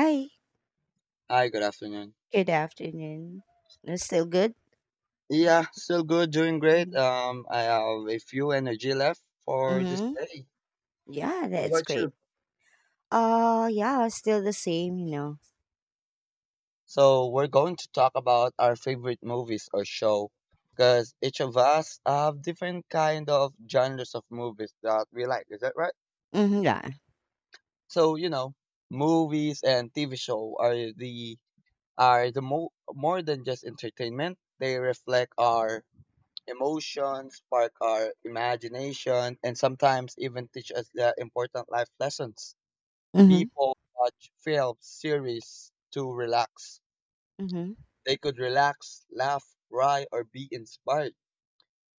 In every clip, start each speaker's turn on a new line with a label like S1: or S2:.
S1: Hi,
S2: Hi, good afternoon.
S1: good afternoon. Still good?
S2: Yeah, still good, doing great.
S1: Mhm.
S2: I have a few energy left for this
S1: Mm-hmm.
S2: day.
S1: Yeah,
S2: How
S1: that's
S2: about
S1: great.
S2: you?
S1: Yeah, still the same, you know.
S2: So we're going to talk about our favorite movies or show, because each of us have different kind of genres of movies that we like. Is that right?
S1: Mm-hmm, yeah.
S2: So you know, movies and TV show are more than just entertainment. They reflect our emotions, spark our imagination, and sometimes even teach us the important life lessons.
S1: Mm-hmm.
S2: People watch films, series to relax.
S1: Mm-hmm.
S2: They could relax, laugh, cry, or be inspired.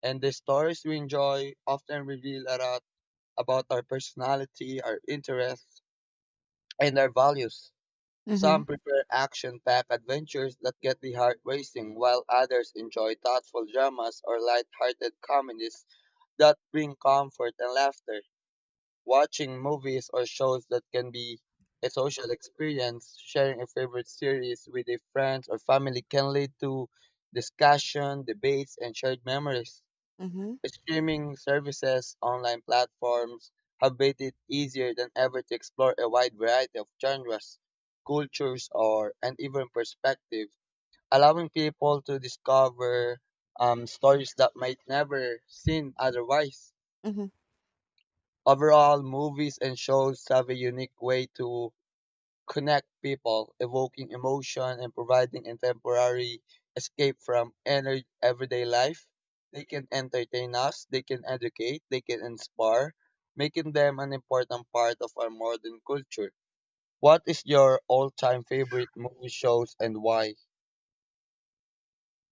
S2: And the stories we enjoy often reveal a lot about our personality, our interests, and our values.
S1: Mm-hmm.
S2: Some prefer action-packed adventures that get the heart racing, while others enjoy thoughtful dramas or light-hearted comedies that bring comfort and laughter. Watching movies or shows that can be a social experience, sharing a favorite series with a friend or family can lead to discussion, debates, and shared memories. Streaming services, online platforms have made it easier than ever to explore a wide variety of genres, cultures, or and even perspectives, allowing people to discover stories that might never seen otherwise.
S1: Mm-hmm.
S2: Overall, movies and shows have a unique way to connect people, evoking emotion and providing a temporary escape from everyday life. They can entertain us, they can educate, they can inspire, making them an important part of our modern culture. What is your all-time favorite movie shows and why?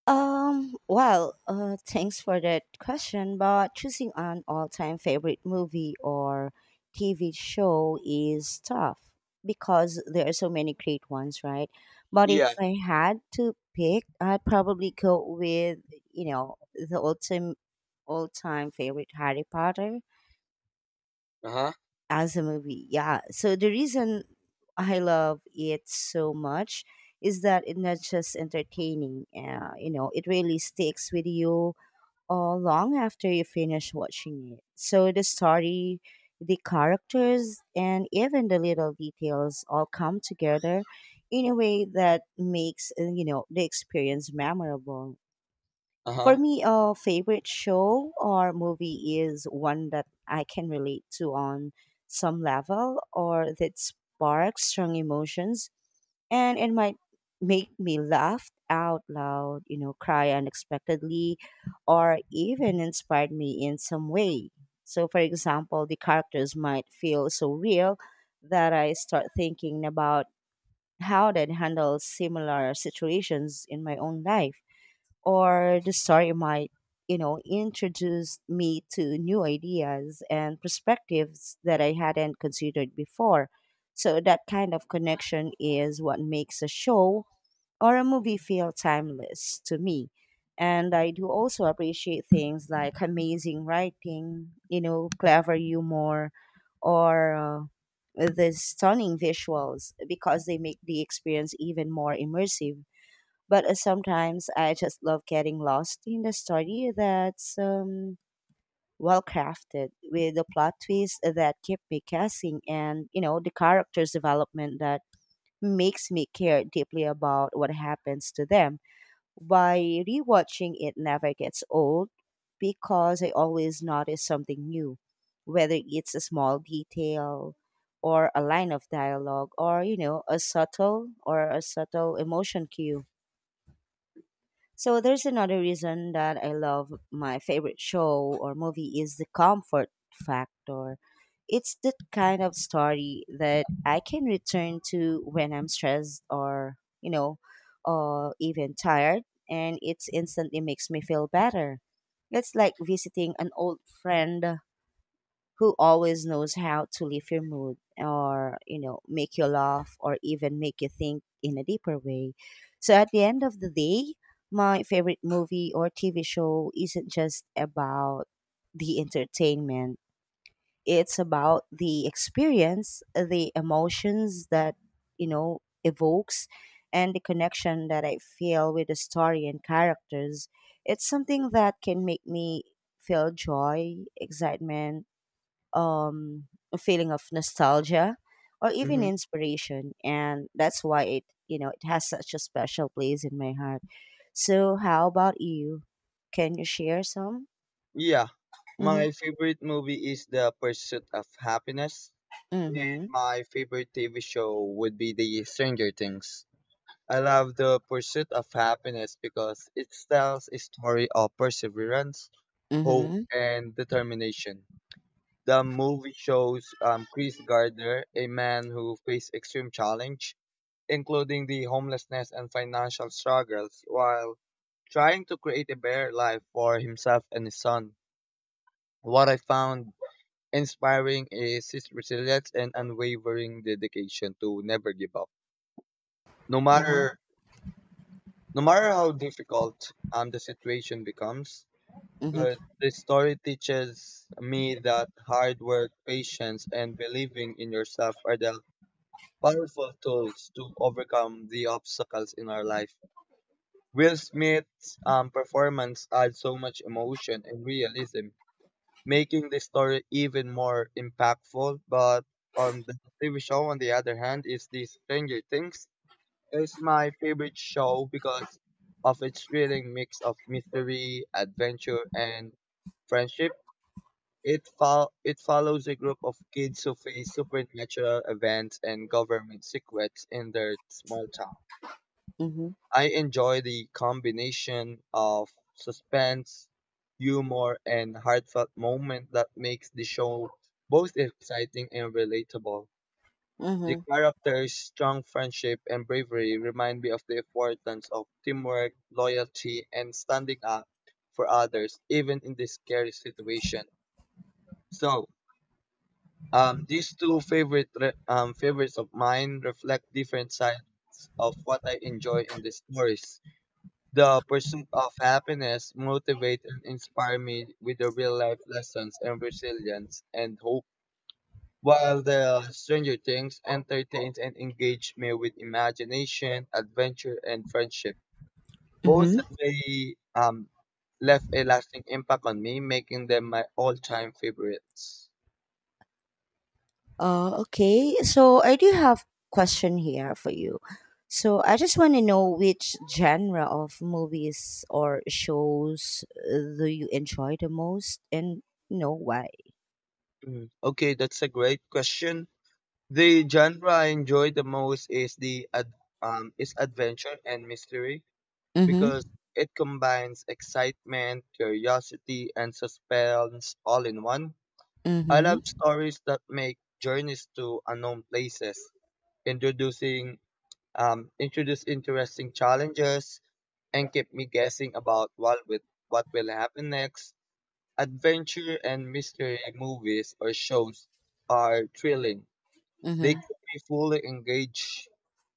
S1: Thanks for that question, but choosing an all-time favorite movie or TV show is tough because there are so many great ones, right? But
S2: Yeah.
S1: if I had to pick, I'd probably go with, the ultimate all-time favorite Harry Potter
S2: Uh-huh.
S1: as a movie. Yeah. So the reason I love it so much is that it's not just entertaining. You know, it really sticks with you long after you finish watching it. So the story, the characters, and even the little details all come together in a way that makes you know the experience memorable.
S2: Uh-huh.
S1: For me, a favorite show or movie is one that I can relate to on some level or that sparks strong emotions, and it might make me laugh out loud, cry unexpectedly, or even inspired me in some way. So, for example, the characters might feel so real that I start thinking about how they'd handle similar situations in my own life, or the story might, introduce me to new ideas and perspectives that I hadn't considered before. So that kind of connection is what makes a show or a movie feel timeless to me. And I do also appreciate things like amazing writing, clever humor, or the stunning visuals because they make the experience even more immersive, but sometimes I just love getting lost in the story that's well crafted, with the plot twists that keep me guessing and, the character's development that makes me care deeply about what happens to them. By rewatching, it never gets old because I always notice something new, whether it's a small detail or a line of dialogue or, a subtle or a subtle emotion cue. So there's another reason that I love my favorite show or movie is the comfort factor. It's the kind of story that I can return to when I'm stressed or, you know, or even tired, and it instantly makes me feel better. It's like visiting an old friend who always knows how to lift your mood or make you laugh or even make you think in a deeper way. So at the end of the day, my favorite movie or TV show isn't just about the entertainment. It's about the experience, the emotions that evokes, and the connection that I feel with the story and characters. It's something that can make me feel joy, excitement, a feeling of nostalgia, or even
S2: Mm-hmm.
S1: inspiration. And that's why it, it has such a special place in my heart. So, how about you? Can you share some?
S2: Yeah.
S1: Mm-hmm.
S2: My favorite movie is The Pursuit of Happiness. And
S1: Mm-hmm.
S2: my favorite TV show would be The Stranger Things. I love The Pursuit of Happiness because it tells a story of perseverance, hope,
S1: Mm-hmm.
S2: and determination. The movie shows Chris Gardner, a man who faced extreme challenge, including the homelessness and financial struggles, while trying to create a better life for himself and his son. What I found inspiring is his resilience and unwavering dedication to never give up. No
S1: Mm-hmm.
S2: matter no matter how difficult the situation becomes. uh,
S1: Mm-hmm.
S2: this story teaches me that hard work, patience, and believing in yourself are the powerful tools to overcome the obstacles in our life. Will Smith's performance adds so much emotion and realism, making the story even more impactful. But on the TV show, on the other hand, is the Stranger Things. It's my favorite show because of its thrilling mix of mystery, adventure, and friendship. It follows a group of kids who face supernatural events and government secrets in their small town.
S1: Mm-hmm.
S2: I enjoy the combination of suspense, humor, and heartfelt moment that makes the show both exciting and relatable. The
S1: Mm-hmm.
S2: characters' strong friendship and bravery remind me of the importance of teamwork, loyalty, and standing up for others, even in this scary situation. So, these two favorites of mine reflect different sides of what I enjoy in the stories. The pursuit of happiness motivate and inspire me with the real life lessons and resilience and hope, while the Stranger Things entertains and engages me with imagination, adventure, and friendship. Both
S1: Mm-hmm.
S2: of they left a lasting impact on me, making them my all-time favorites.
S1: Okay. So I do have question here for you. So I just want to know which genre of movies or shows do you enjoy the most, and you know why?
S2: Okay, that's a great question. The genre I enjoy the most is adventure and mystery because it combines excitement, curiosity, and suspense all in one. I love
S1: Mhm.
S2: stories that make journeys to unknown places, introducing introduce interesting challenges, and keep me guessing about what will happen next. Adventure and mystery movies or shows are thrilling. They
S1: Mhm.
S2: keep me fully engaged,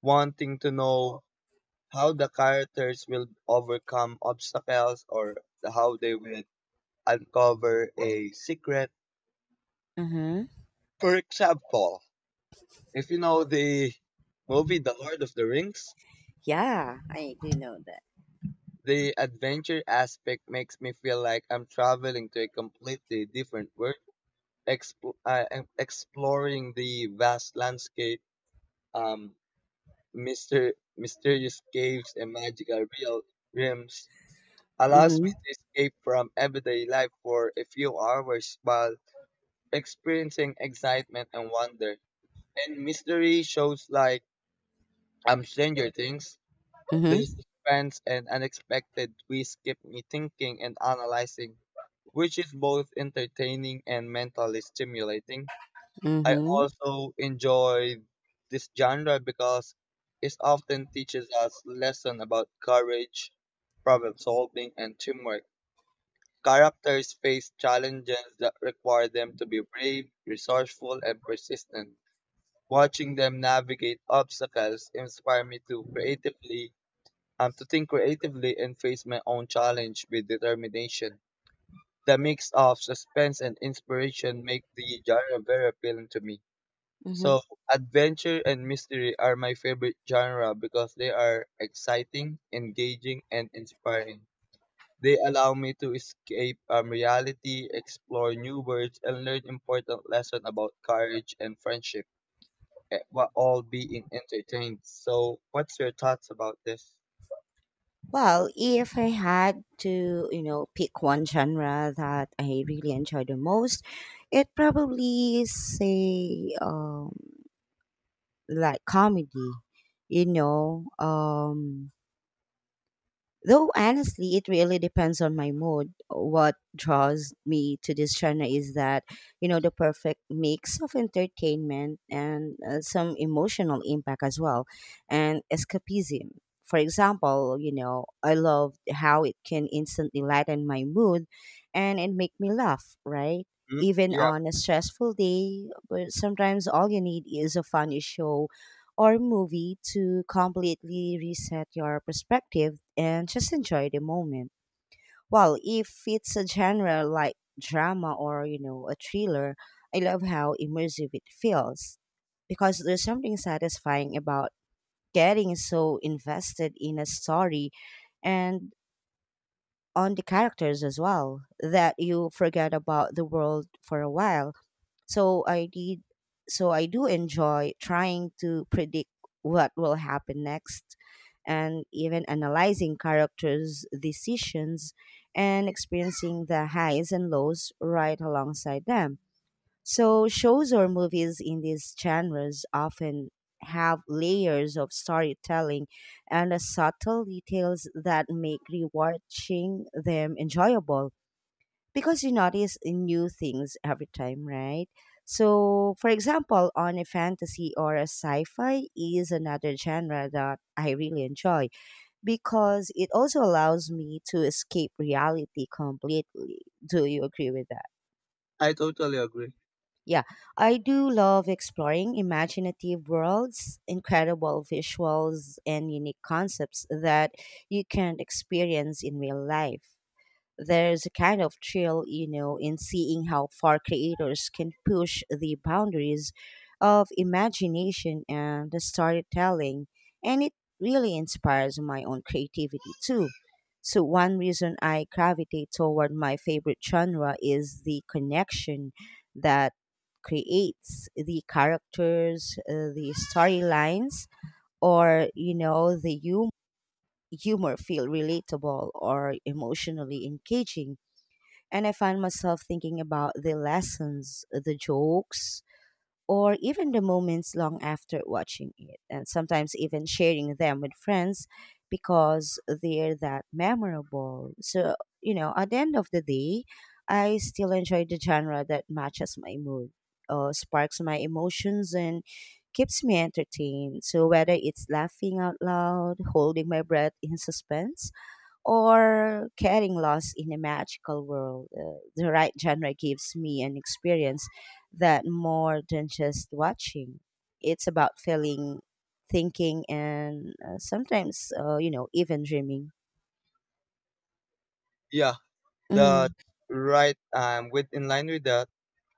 S2: wanting to know how the characters will overcome obstacles or how they will uncover a secret.
S1: Mhm.
S2: For example, if you know the movie The Lord of the Rings,
S1: Yeah, I do know that.
S2: the adventure aspect makes me feel like I'm traveling to a completely different world, and exploring the vast landscape, um, mysterious caves, and magical realms allows me
S1: Mhm.
S2: to escape from everyday life for a few hours while experiencing excitement and wonder. And mystery shows like Stranger Things, the
S1: Mhm.
S2: suspense and unexpected twists keep me thinking and analyzing, which is both entertaining and mentally stimulating. I
S1: Mhm.
S2: also enjoy this genre because it often teaches us lessons about courage, problem solving, and teamwork. Characters face challenges that require them to be brave, resourceful, and persistent. Watching them navigate obstacles inspire me to think creatively and face my own challenge with determination. The mix of suspense and inspiration make the genre very appealing to me.
S1: Mhm.
S2: So, adventure and mystery are my favorite genre because they are exciting, engaging, and inspiring. They allow me to escape reality, explore new worlds, and learn important lessons about courage and friendship, while all being entertained. So, what's your thoughts about this?
S1: Well, if I had to, pick one genre that I really enjoy the most, it probably say like comedy. You know, um Though honestly, it really depends on my mood. What draws me to this genre is that, the perfect mix of entertainment and some emotional impact as well, and escapism. For example, I love how it can instantly lighten my mood and it make me laugh, right?
S2: Hmm?
S1: Even
S2: Yeah,
S1: on a stressful day, but sometimes all you need is a funny show or movie to completely reset your perspective and just enjoy the moment. Well, if it's a genre like drama or, a thriller, I love how immersive it feels because there's something satisfying about getting so invested in a story and on the characters as well, that you forget about the world for a while. So I did so I do enjoy trying to predict what will happen next, and even analyzing characters' decisions, and experiencing the highs and lows right alongside them. So shows or movies in these genres often have layers of storytelling and subtle details that make rewatching them enjoyable because you notice new things every time, right? So, for example, on a fantasy or a sci fi is another genre that I really enjoy because it also allows me to escape reality completely. Do you agree with that?
S2: I totally agree.
S1: Yeah, I do love exploring imaginative worlds, incredible visuals, and unique concepts that you can't experience in real life. There's a kind of thrill, in seeing how far creators can push the boundaries of imagination and the storytelling. And it really inspires my own creativity too. So, one reason I gravitate toward my favorite genre is the connection that creates the characters, the storylines, or, the humor feel relatable or emotionally engaging, and I find myself thinking about the lessons, the jokes, or even the moments long after watching it, and sometimes even sharing them with friends because they're that memorable. So, at the end of the day, I still enjoy the genre that matches my mood, sparks my emotions, and keeps me entertained. So, whether it's laughing out loud, holding my breath in suspense, or getting lost in a magical world. The right genre gives me an experience that more than just watching. It's about feeling, thinking, and sometimes, even dreaming.
S2: Yeah, the
S1: Mm,
S2: right. With in line with that,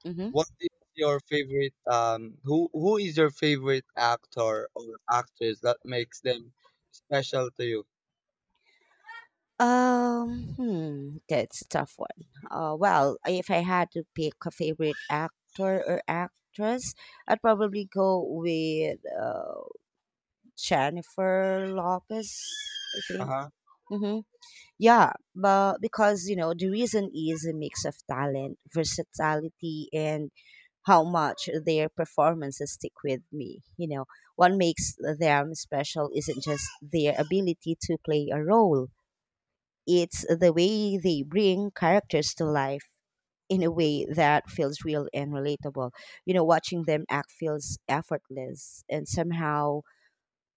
S1: hmm
S2: what is your favorite? Who is your favorite actor or actress that makes them special to you?
S1: That's a tough one. Well, if I had to pick a favorite actor or actress, I'd probably go with Jennifer Lopez, I
S2: Uh
S1: think.
S2: huh.
S1: Mhm. Yeah, but because you know the reason is a mix of talent, versatility, and how much their performances stick with me. You know, what makes them special isn't just their ability to play a role; it's the way they bring characters to life in a way that feels real and relatable. You know, watching them act feels effortless and somehow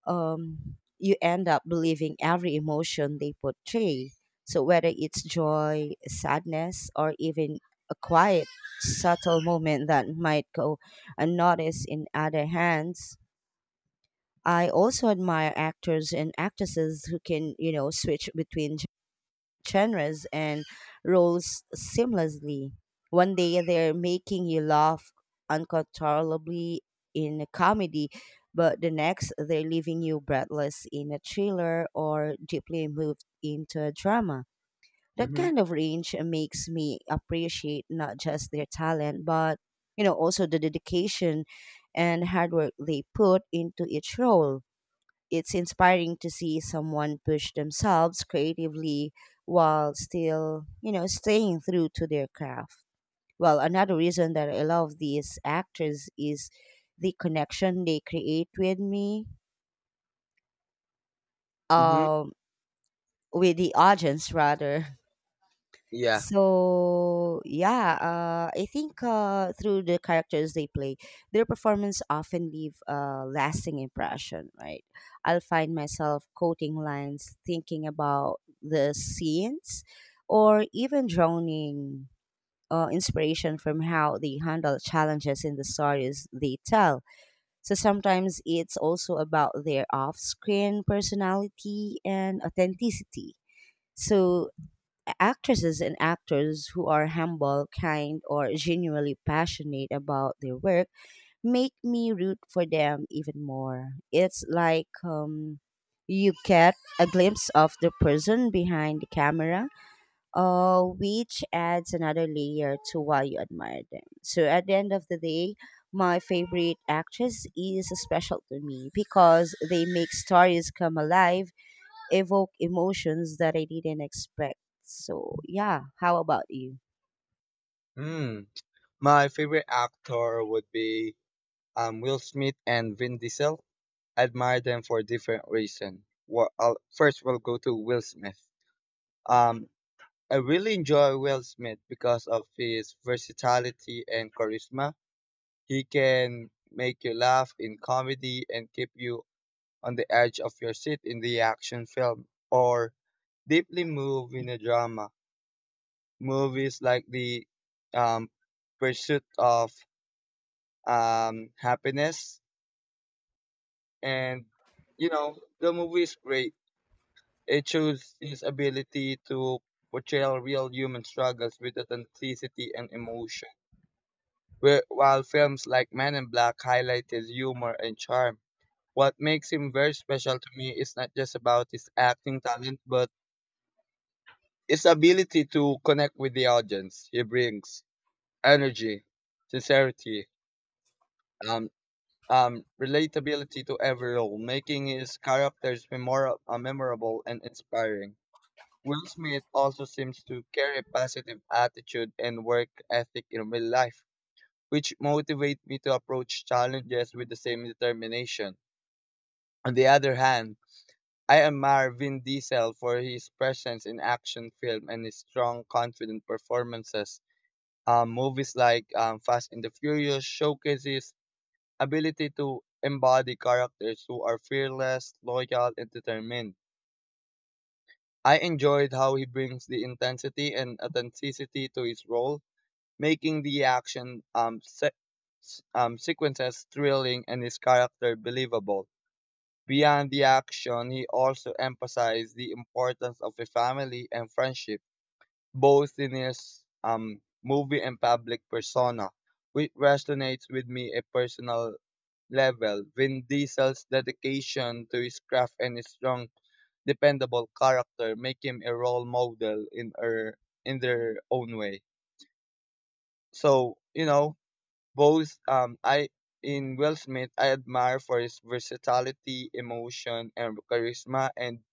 S1: you end up believing every emotion they portray. So whether it's joy, sadness, or even a quiet, subtle moment that might go unnoticed in other hands, I also admire actors and actresses who can, switch between genres and roles seamlessly. One day they're making you laugh uncontrollably in a comedy, but the next they're leaving you breathless in a thriller or deeply moved into a drama. That
S2: Mhm.
S1: kind of range makes me appreciate not just their talent, but also the dedication and hard work they put into each role. It's inspiring to see someone push themselves creatively while still, staying true to their craft. Well, another reason that I love these actors is the connection they create with me,
S2: Mhm.
S1: um, with the audience rather.
S2: Yeah.
S1: So yeah, I think through the characters they play, their performance often leave a lasting impression. Right, I'll find myself quoting lines, thinking about the scenes, or even drowning inspiration from how they handle challenges in the stories they tell. So sometimes it's also about their off-screen personality and authenticity. So actresses and actors who are humble, kind, or genuinely passionate about their work make me root for them even more. It's like you get a glimpse of the person behind the camera, which adds another layer to why you admire them. So at the end of the day, my favorite actress is special to me because they make stories come alive, evoke emotions that I didn't expect. So, yeah, how about you?
S2: Hmm. My favorite actor would be Will Smith and Vin Diesel. I admire them for different reasons. Well, first, we'll go to Will Smith. Um, I really enjoy Will Smith because of his versatility and charisma. He can make you laugh in comedy and keep you on the edge of your seat in the action film or deeply move in a drama. Movies like the um, Pursuit of Happiness and you know the movie is great. It shows his ability to portray real human struggles with authenticity and emotion. Where, while films like Men in Black highlight his humor and charm, what makes him very special to me is not just about his acting talent, but his ability to connect with the audience. He brings energy, sincerity, um, relatability to every role, making his characters memorable and inspiring. Will Smith also seems to carry a positive attitude and work ethic in real life, which motivate me to approach challenges with the same determination. On the other hand, I admire Vin Diesel for his presence in action film and his strong, confident performances. Movies like Fast and the Furious showcases ability to embody characters who are fearless, loyal, and determined. I enjoyed how he brings the intensity and authenticity to his role, making the action sequences thrilling and his character believable. Beyond the action, he also emphasized the importance of a family and friendship, both in his movie and public persona, which resonates with me a personal level. Vin Diesel's dedication to his craft and his strong, dependable character make him a role model in their own way. So you know, both I in Will Smith I admire for his versatility, emotion and charisma, and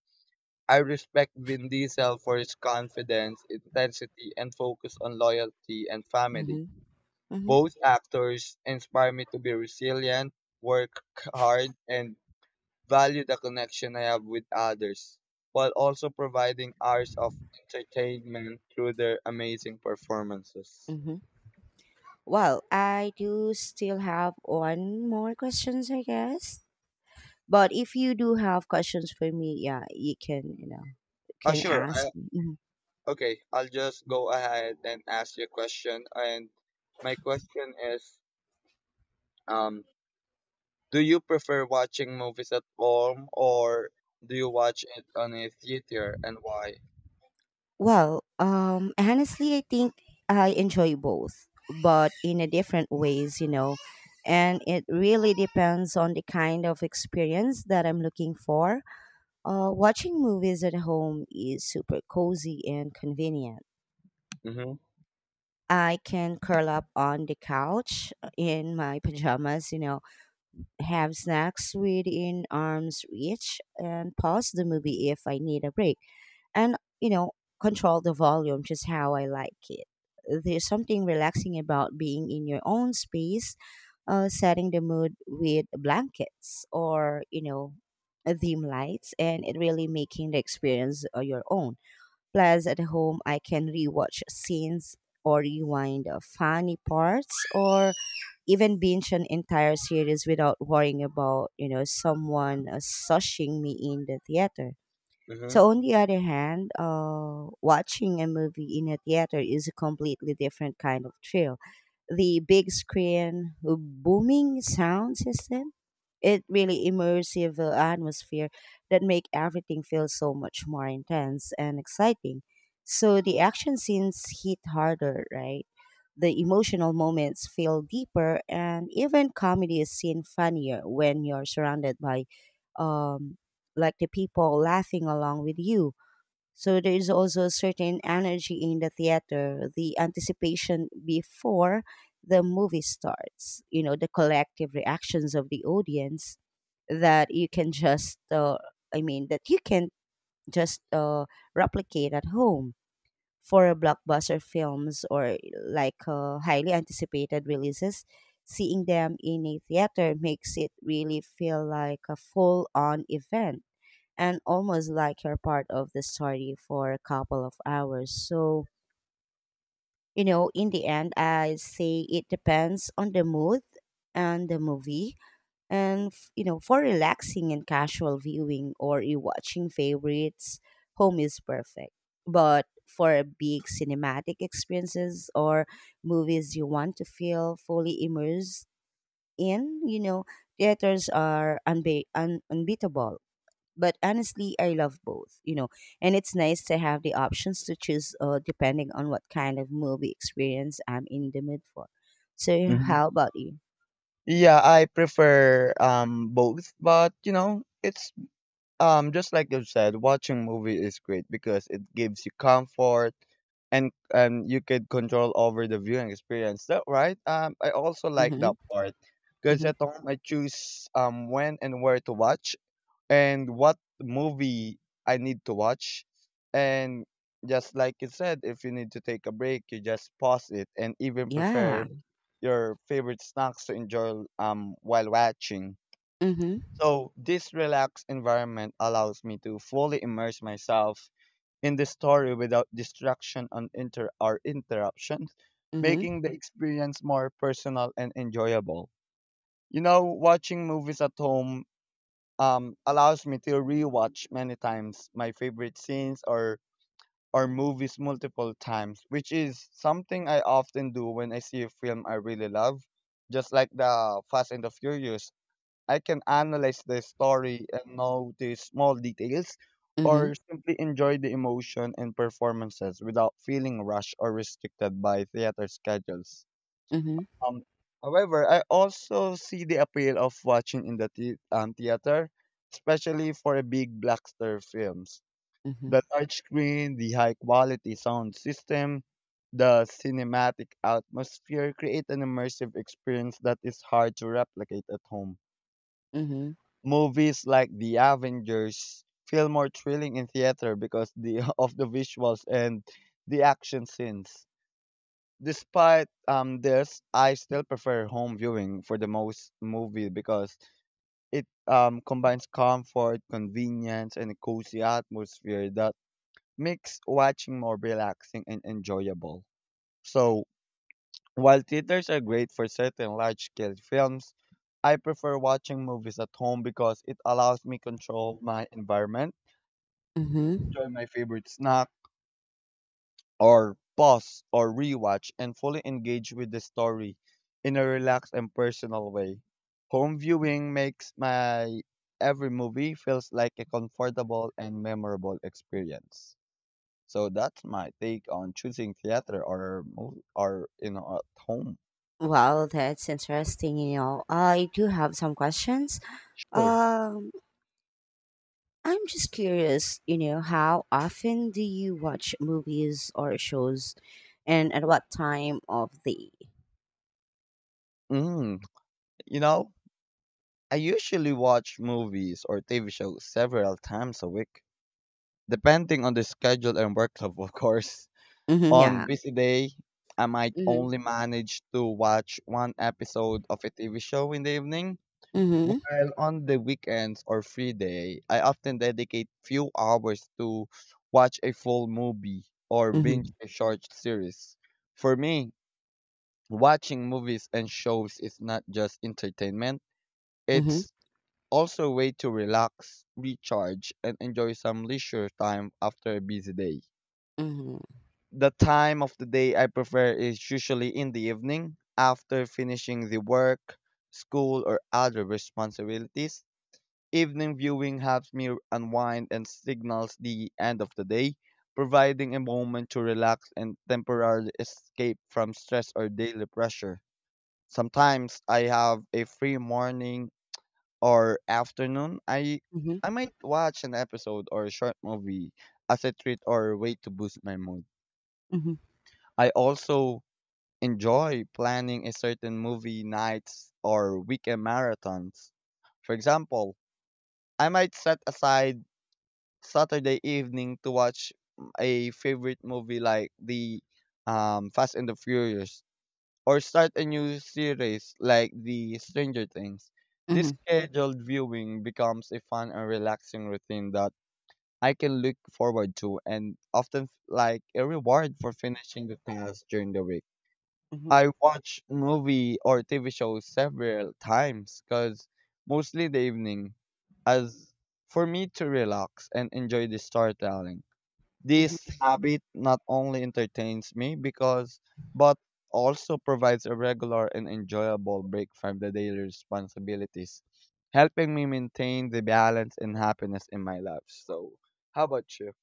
S2: I respect Vin Diesel for his confidence, intensity and focus on loyalty and family.
S1: Mm-hmm. Mm-hmm.
S2: Both actors inspire me to be resilient, work hard and value the connection I have with others while also providing hours of entertainment through their amazing performances.
S1: Hmm. Well, I do still have one more questions, I guess. But if you do have questions for me, yeah, you can,
S2: Ah,
S1: can
S2: sure.
S1: ask
S2: I
S1: me. Mhm.
S2: Okay, I'll just go ahead and ask you a question. And my question is, um, do you prefer watching movies at home or do you watch it on a theater and why?
S1: Well, honestly, I think I enjoy both, but in a different ways, you know, and it really depends on the kind of experience that I'm looking for. Watching movies at home is super cozy and convenient.
S2: Mm-hmm.
S1: I can curl up on the couch in my pajamas, have snacks within arm's reach, and pause the movie if I need a break. And, control the volume just how I like it. There's something relaxing about being in your own space, setting the mood with blankets or, dim lights, and it really making the experience your own. Plus, at home, I can rewatch scenes or rewind funny parts or even binge an entire series without worrying about, someone sushing me in the theater.
S2: Mm-hmm.
S1: So, on the other hand, watching a movie in a theater is a completely different kind of thrill. The big screen, booming sound system, it really immersive atmosphere that make everything feel so much more intense and exciting. So the action scenes hit harder, right? The emotional moments feel deeper, and even comedy is seen funnier when you're surrounded by, um, like the people laughing along with you. So there is also a certain energy in the theater, the anticipation before the movie starts, you know, the collective reactions of the audience that you can just, I mean, that you can just replicate at home for blockbuster films or like highly anticipated releases. Seeing them in a theater makes it really feel like a full on event and almost like you're part of the story for a couple of hours. So, you know, in the end, I say it depends on the mood and the movie. And, you know, for relaxing and casual viewing or rewatching favorites, home is perfect. But for big cinematic experiences or movies you want to feel fully immersed in, you know, theaters are unbeatable. But honestly, I love both, you know, and it's nice to have the options to choose, depending on what kind of movie experience I'm in the mood for. So
S2: Hmm.
S1: how about you?
S2: Yeah, I prefer both, but you know, it's just like you said, watching movie is great because it gives you comfort and you could control over the viewing experience. That right? I also like
S1: Mm-hmm.
S2: that part because
S1: Mm-hmm.
S2: at home I choose when and where to watch and what movie I need to watch. And just like you said, if you need to take a break, you just pause it and even
S1: Yeah.
S2: prepare your favorite snacks to enjoy while watching.
S1: Mm-hmm.
S2: So, this relaxed environment allows me to fully immerse myself in the story without distraction or interruptions,
S1: Mm-hmm.
S2: making the experience more personal and enjoyable. You know, watching movies at home allows me to rewatch many times my favorite scenes or movies multiple times, which is something I often do when I see a film I really love, just like the Fast and the Furious. I can analyze the story and know the small details,
S1: Mm-hmm.
S2: or simply enjoy the emotion and performances without feeling rushed or restricted by theater schedules.
S1: Mm-hmm.
S2: Um, However, I also see the appeal of watching in the theater, especially for a big blockbuster films. The
S1: Mm-hmm.
S2: large screen, the high quality sound system, the cinematic atmosphere create an immersive experience that is hard to replicate at home.
S1: Mm-hmm.
S2: Movies like The Avengers feel more thrilling in theater because the of the visuals and the action scenes. Despite this, I still prefer home viewing for the most movie because it combines comfort, convenience, and a cozy atmosphere that makes watching more relaxing and enjoyable. So while theaters are great for certain large-scale films, I prefer watching movies at home because it allows me control my environment,
S1: Mm-hmm.
S2: enjoy my favorite snack, or pause or rewatch and fully engage with the story in a relaxed and personal way. Home viewing makes my every movie feels like a comfortable and memorable experience. So that's my take on choosing theater or or at home.
S1: Well, that's interesting, you know. I do have some questions.
S2: Sure.
S1: Um, I'm just curious, you know, how often do you watch movies or shows and at what time of the.
S2: Mm, you know, I usually watch movies or TV shows several times a week, depending on the schedule and workload, of course.
S1: Mm-hmm,
S2: On
S1: yeah.
S2: busy day, I might
S1: Mm-hmm.
S2: only manage to watch one episode of a TV show in the evening,
S1: Mm-hmm.
S2: while on the weekends or free day, I often dedicate few hours to watch a full movie or binge
S1: Mm-hmm.
S2: a short series. For me, watching movies and shows is not just entertainment,
S1: Mm-hmm.
S2: it's also a way to relax, recharge, and enjoy some leisure time after a busy day.
S1: Mm-hmm.
S2: The time of the day I prefer is usually in the evening after finishing the work, school, or other responsibilities. Evening viewing helps me unwind and signals the end of the day, providing a moment to relax and temporarily escape from stress or daily pressure. Sometimes I have a free morning or afternoon, I
S1: Mm-hmm.
S2: I might watch an episode or a short movie as a treat or a way to boost my mood.
S1: Mm-hmm.
S2: I also enjoy planning a certain movie nights or weekend marathons. For example, I might set aside Saturday evening to watch a favorite movie like the Fast and the Furious or start a new series like the Stranger Things. This
S1: Mm-hmm.
S2: scheduled viewing becomes a fun and relaxing routine that I can look forward to and often like a reward for finishing the task during the week. I watch movie or TV shows several times because mostly the evening as for me to relax and enjoy the storytelling.
S1: Mm-hmm.
S2: This habit not only entertains me because but also provides a regular and enjoyable break from the daily responsibilities, helping me maintain the balance and happiness in my life. So, how about you?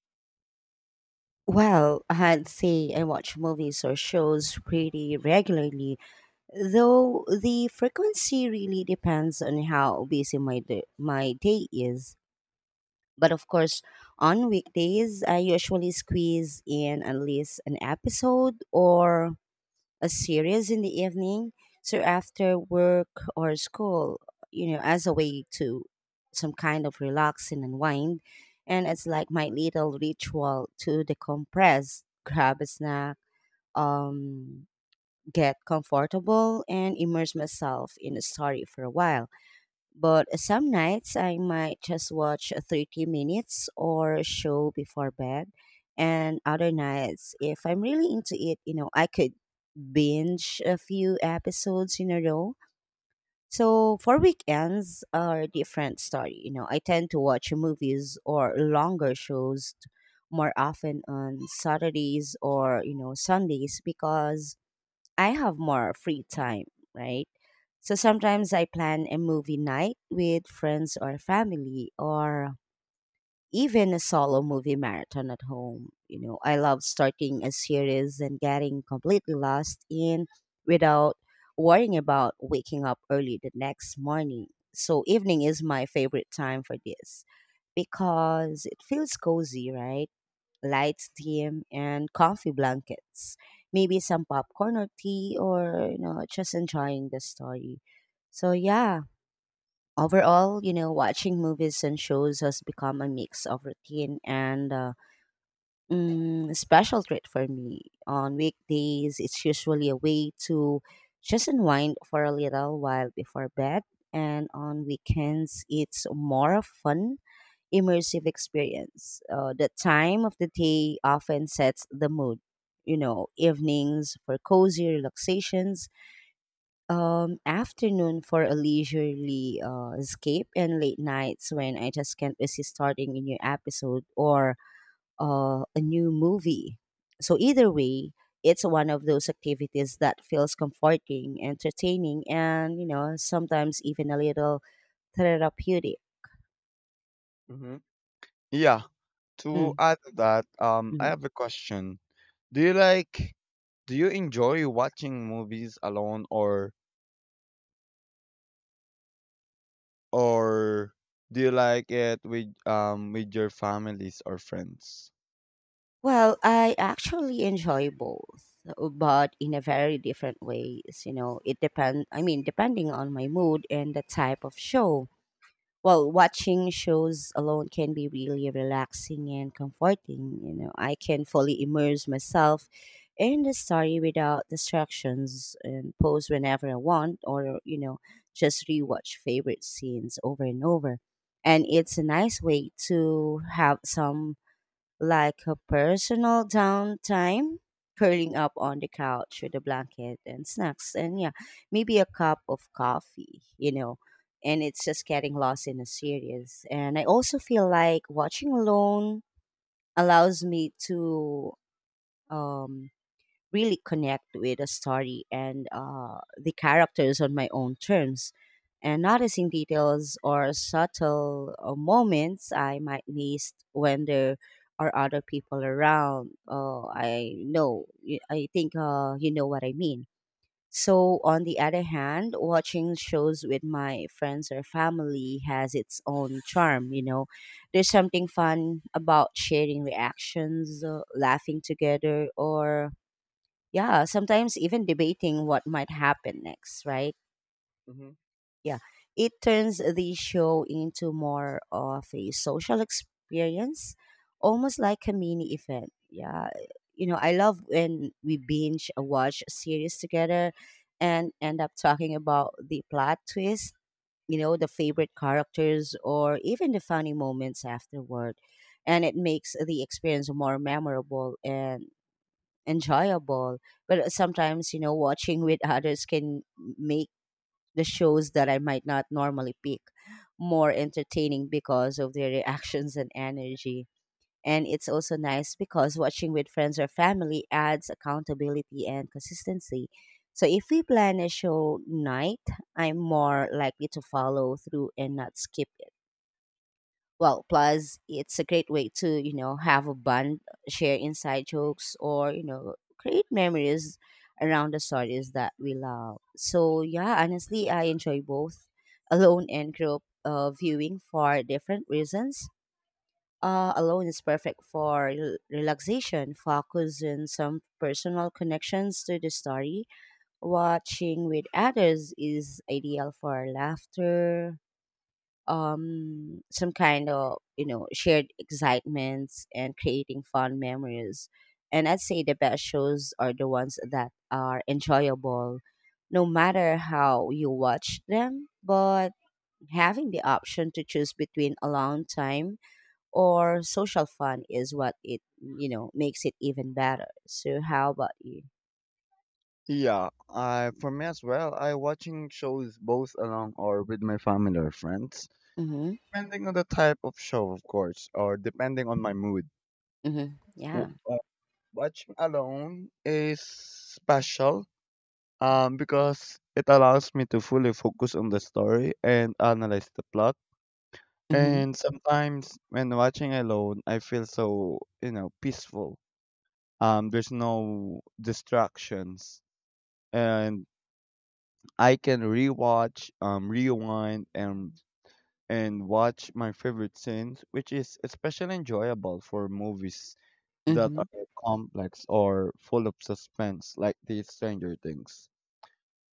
S1: Well, I'd say I watch movies or shows pretty regularly, though the frequency really depends on how busy my day is. But of course, on weekdays, I usually squeeze in at least an episode or a series in the evening. So after work or school, you know, as a way to some kind of relax and unwind. And it's like my little ritual to decompress, grab a snack, um get comfortable and immerse myself in a story for a while. But some nights I might just watch 30 minutes or a show before bed. And other nights, if I'm really into it, you know, I could binge a few episodes in a row. So for weekends are a different story. You know, I tend to watch movies or longer shows more often on Saturdays or, you know, Sundays because I have more free time, right? So sometimes I plan a movie night with friends or family or even a solo movie marathon at home. You know, I love starting a series and getting completely lost in without worrying about waking up early the next morning. So evening is my favorite time for this because it feels cozy, right? Light steam, and comfy blankets. Maybe some popcorn or tea, or you know, just enjoying the story. So yeah, overall, you know, watching movies and shows has become a mix of routine and special treat for me. On weekdays, it's usually a way to just unwind for a little while before bed, and on weekends, it's more of fun immersive experience. The time of the day often sets the mood. You know, evenings for cozy relaxations, afternoon for a leisurely escape, and late nights when I just can't resist starting a new episode or a new movie. So, either way, it's one of those activities that feels comforting, entertaining, and, you know, sometimes even a little therapeutic.
S2: Mhm. Yeah. To
S1: Mm,
S2: add to that, I
S1: mm-hmm.
S2: have a question. Do you like do you enjoy watching movies alone or or do you like it with your families or friends?
S1: Well, I actually enjoy both, but in a very different ways. You know, it depend. I mean, depending on my mood and the type of show. Well, watching shows alone can be really relaxing and comforting. You know, I can fully immerse myself in the story without distractions and pause whenever I want, or you know, just rewatch favorite scenes over and over. And it's a nice way to have some like a personal downtime, curling up on the couch with a blanket and snacks, and yeah, maybe a cup of coffee, you know. And it's just getting lost in a series. And I also feel like watching alone allows me to um, really connect with a story and, the characters on my own terms. And noticing details or subtle moments I might miss when there are other people around. Oh, I know. I think, you know what I mean. So, on the other hand, watching shows with my friends or family has its own charm, you know. There's something fun about sharing reactions, laughing together, or yeah, sometimes even debating what might happen next, right?
S2: Hmm.
S1: Yeah. It turns the show into more of a social experience, almost like a mini event. Yeah. You know, I love when we binge a watch series together and end up talking about the plot twist, you know, the favorite characters or even the funny moments afterward. And it makes the experience more memorable and enjoyable. But sometimes, you know, watching with others can make the shows that I might not normally pick more entertaining because of their reactions and energy. And it's also nice because watching with friends or family adds accountability and consistency. So if we plan a show night, I'm more likely to follow through and not skip. Well, plus it's a great way to, you know, have a bond, share inside jokes or, you know, create memories around the stories that we love. So yeah, honestly, I enjoy both alone and group viewing for different reasons. Alone is perfect for relaxation, focus, and some personal connections to the story. Watching with others is ideal for laughter, some kind of, you know, shared excitements and creating fun memories, and I'd say the best shows are the ones that are enjoyable no matter how you watch them, but having the option to choose between alone time or social fun is what it, you know, makes it even better. So how about you?
S2: Yeah, I for me as well. I watching shows both alone or with my family or friends,
S1: Mm-hmm.
S2: depending on the type of show, of course, or depending on my mood.
S1: Mm-hmm.
S2: W-
S1: Yeah.
S2: uh, Watching alone is special because it allows me to fully focus on the story and analyze the plot.
S1: Mm-hmm.
S2: And sometimes when watching alone, I feel so, you know, peaceful. There's no distractions, and I can rewatch, rewind, and watch my favorite scenes, which is especially enjoyable for movies that
S1: Mm-hmm.
S2: are complex or full of suspense, like the Stranger Things.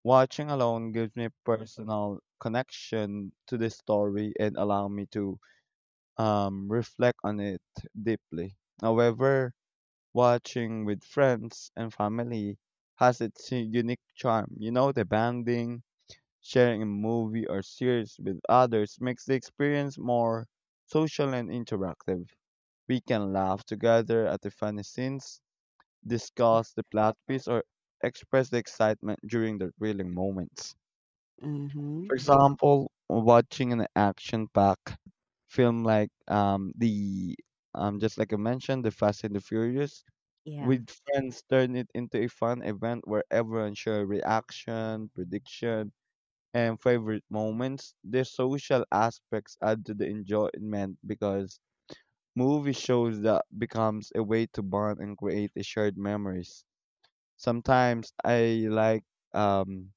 S2: Watching alone gives me personal connection to the story and allow me to reflect on it deeply. However, watching with friends and family has its unique charm. You know, the bonding, sharing a movie or series with others makes the experience more social and interactive. We can laugh together at the funny scenes, discuss the plot twist, or express the excitement during the thrilling moments.
S1: Mm-hmm.
S2: For example, watching an action-packed film like the just like I mentioned, the Fast and the Furious,
S1: Yeah.
S2: with friends turn it into a fun event where everyone share reaction, prediction, and favorite moments. The social aspects add to the enjoyment because movie shows that becomes a way to bond and create a shared memories. Sometimes um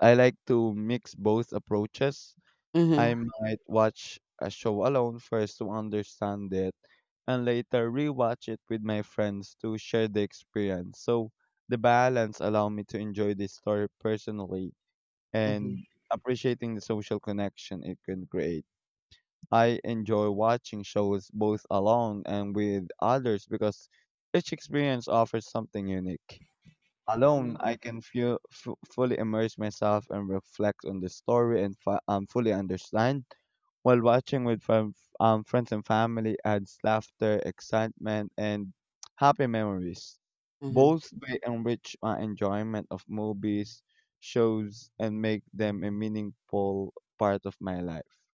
S2: I like to mix both approaches. I
S1: Mm-hmm.
S2: might watch a show alone first to understand it and later rewatch it with my friends to share the experience. So the balance allow me to enjoy the story personally and
S1: Mm-hmm.
S2: appreciating the social connection it can create. I enjoy watching shows both alone and with others because each experience offers something unique. Alone, I
S1: Mm-hmm.
S2: can fully immerse myself and reflect on the story and fully understand. While watching with friends and family adds laughter, excitement, and happy memories.
S1: Mm-hmm.
S2: Both may enrich my enjoyment of movies, shows, and make them a meaningful part of my life.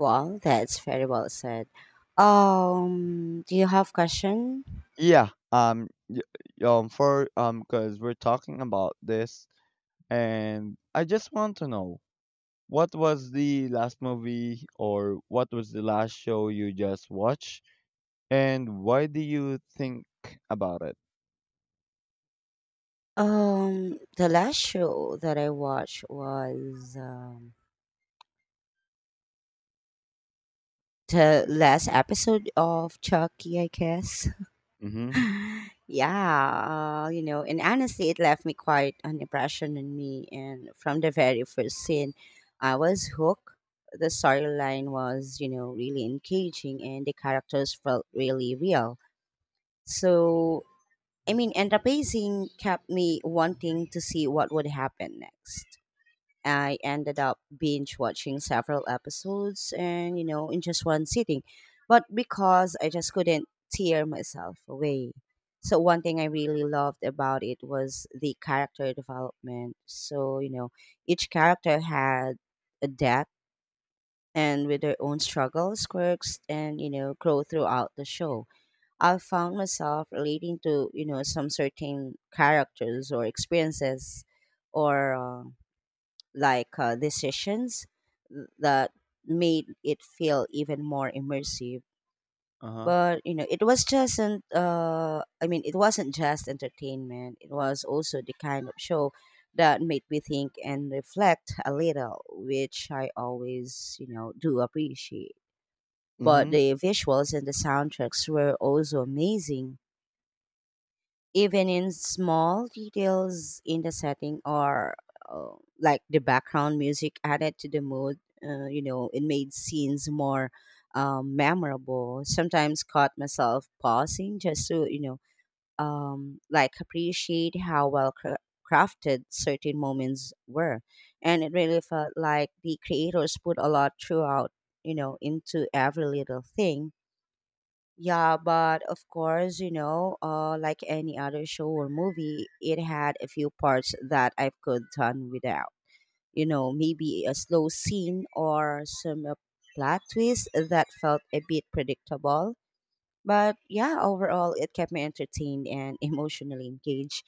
S1: Well, that's very well said. Do you have question?
S2: Yeah, y- y- for because we're talking about this, and I just want to know. What was the last movie or what was the last show you just watched? And why do you think about it?
S1: The last show that I watched was the last episode of Chucky, I guess.
S2: Mm-hmm.
S1: Yeah, you know, and honestly, it left me quite an impression on me. And from the very first scene, I was hooked. The storyline was, you know, really engaging, and the characters felt really real. So I mean, and the pacing kept me wanting to see what would happen next. I ended up binge watching several episodes and, you know, in just one sitting, but because I just couldn't tear myself away. So, one thing I really loved about it was the character development. So, you know, each character had a depth and with their own struggles, quirks, and, you know, growth throughout the show. I found myself relating to, you know, some certain characters or experiences or decisions that made it feel even more immersive.
S2: Uh-huh.
S1: But you know, it was just an I mean, it wasn't just entertainment. It was also the kind of show that made me think and reflect a little, which I always, you know, do appreciate. But
S2: Mm-hmm.
S1: the visuals and the soundtracks were also amazing even in small details in the setting or, uh, like the background music added to the mood, you know, it made scenes more memorable. Sometimes caught myself pausing just to, you know, like appreciate how well crafted certain moments were, and it really felt like the creators put a lot throughout, you know, into every little thing. Yeah, but of course, you know, like any other show or movie, it had a few parts that I could done without. You know, maybe a slow scene or some plot twist that felt a bit predictable. But yeah, overall, it kept me entertained and emotionally engaged.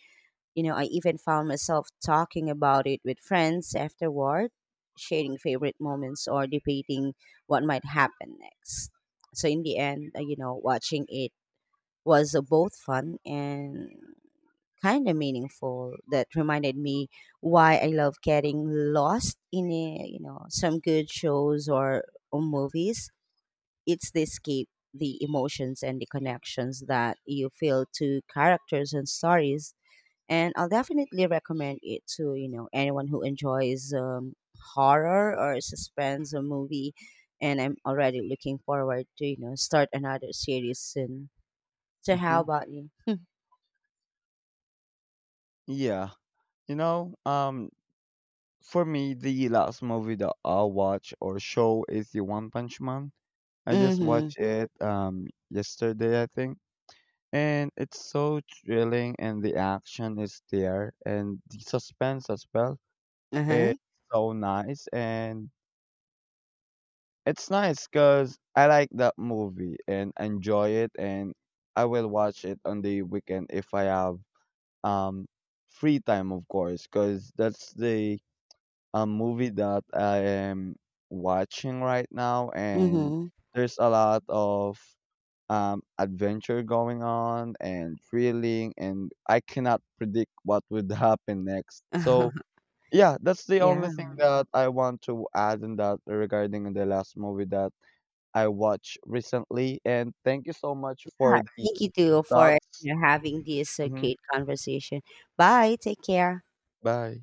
S1: You know, I even found myself talking about it with friends afterward, sharing favorite moments or debating what might happen next. So in the end, you know, watching it was both fun and kind of meaningful that reminded me why I love getting lost in a, you know, some good shows, or movies. It's the escape, the emotions, and the connections that you feel to characters and stories. And I'll definitely recommend it to, you know, anyone who enjoys horror or suspense or movie. And I'm already looking forward to, you know, start another series soon. So how
S2: Mm-hmm.
S1: about you?
S2: Yeah. You know, for me, the last movie that I'll watch or show is the One Punch Man. I just
S1: Mhm.
S2: watched it yesterday, I think. And it's so thrilling and the action is there and the suspense as well.
S1: Uh-huh.
S2: It's so nice and it's nice because I like that movie and enjoy it, and I will watch it on the weekend if I have um free time, of course, because that's the movie that I am watching right now, and
S1: Mhm.
S2: there's a lot of adventure going on and thrilling, and I cannot predict what would happen next. So yeah, that's the only
S1: Yeah.
S2: thing that I want to add in that regarding the last movie that I watched recently. And thank you so much for the
S1: Thank you too for,
S2: thoughts.
S1: you know, having this,
S2: Hmm.
S1: great conversation. Bye. Take care.
S2: Bye.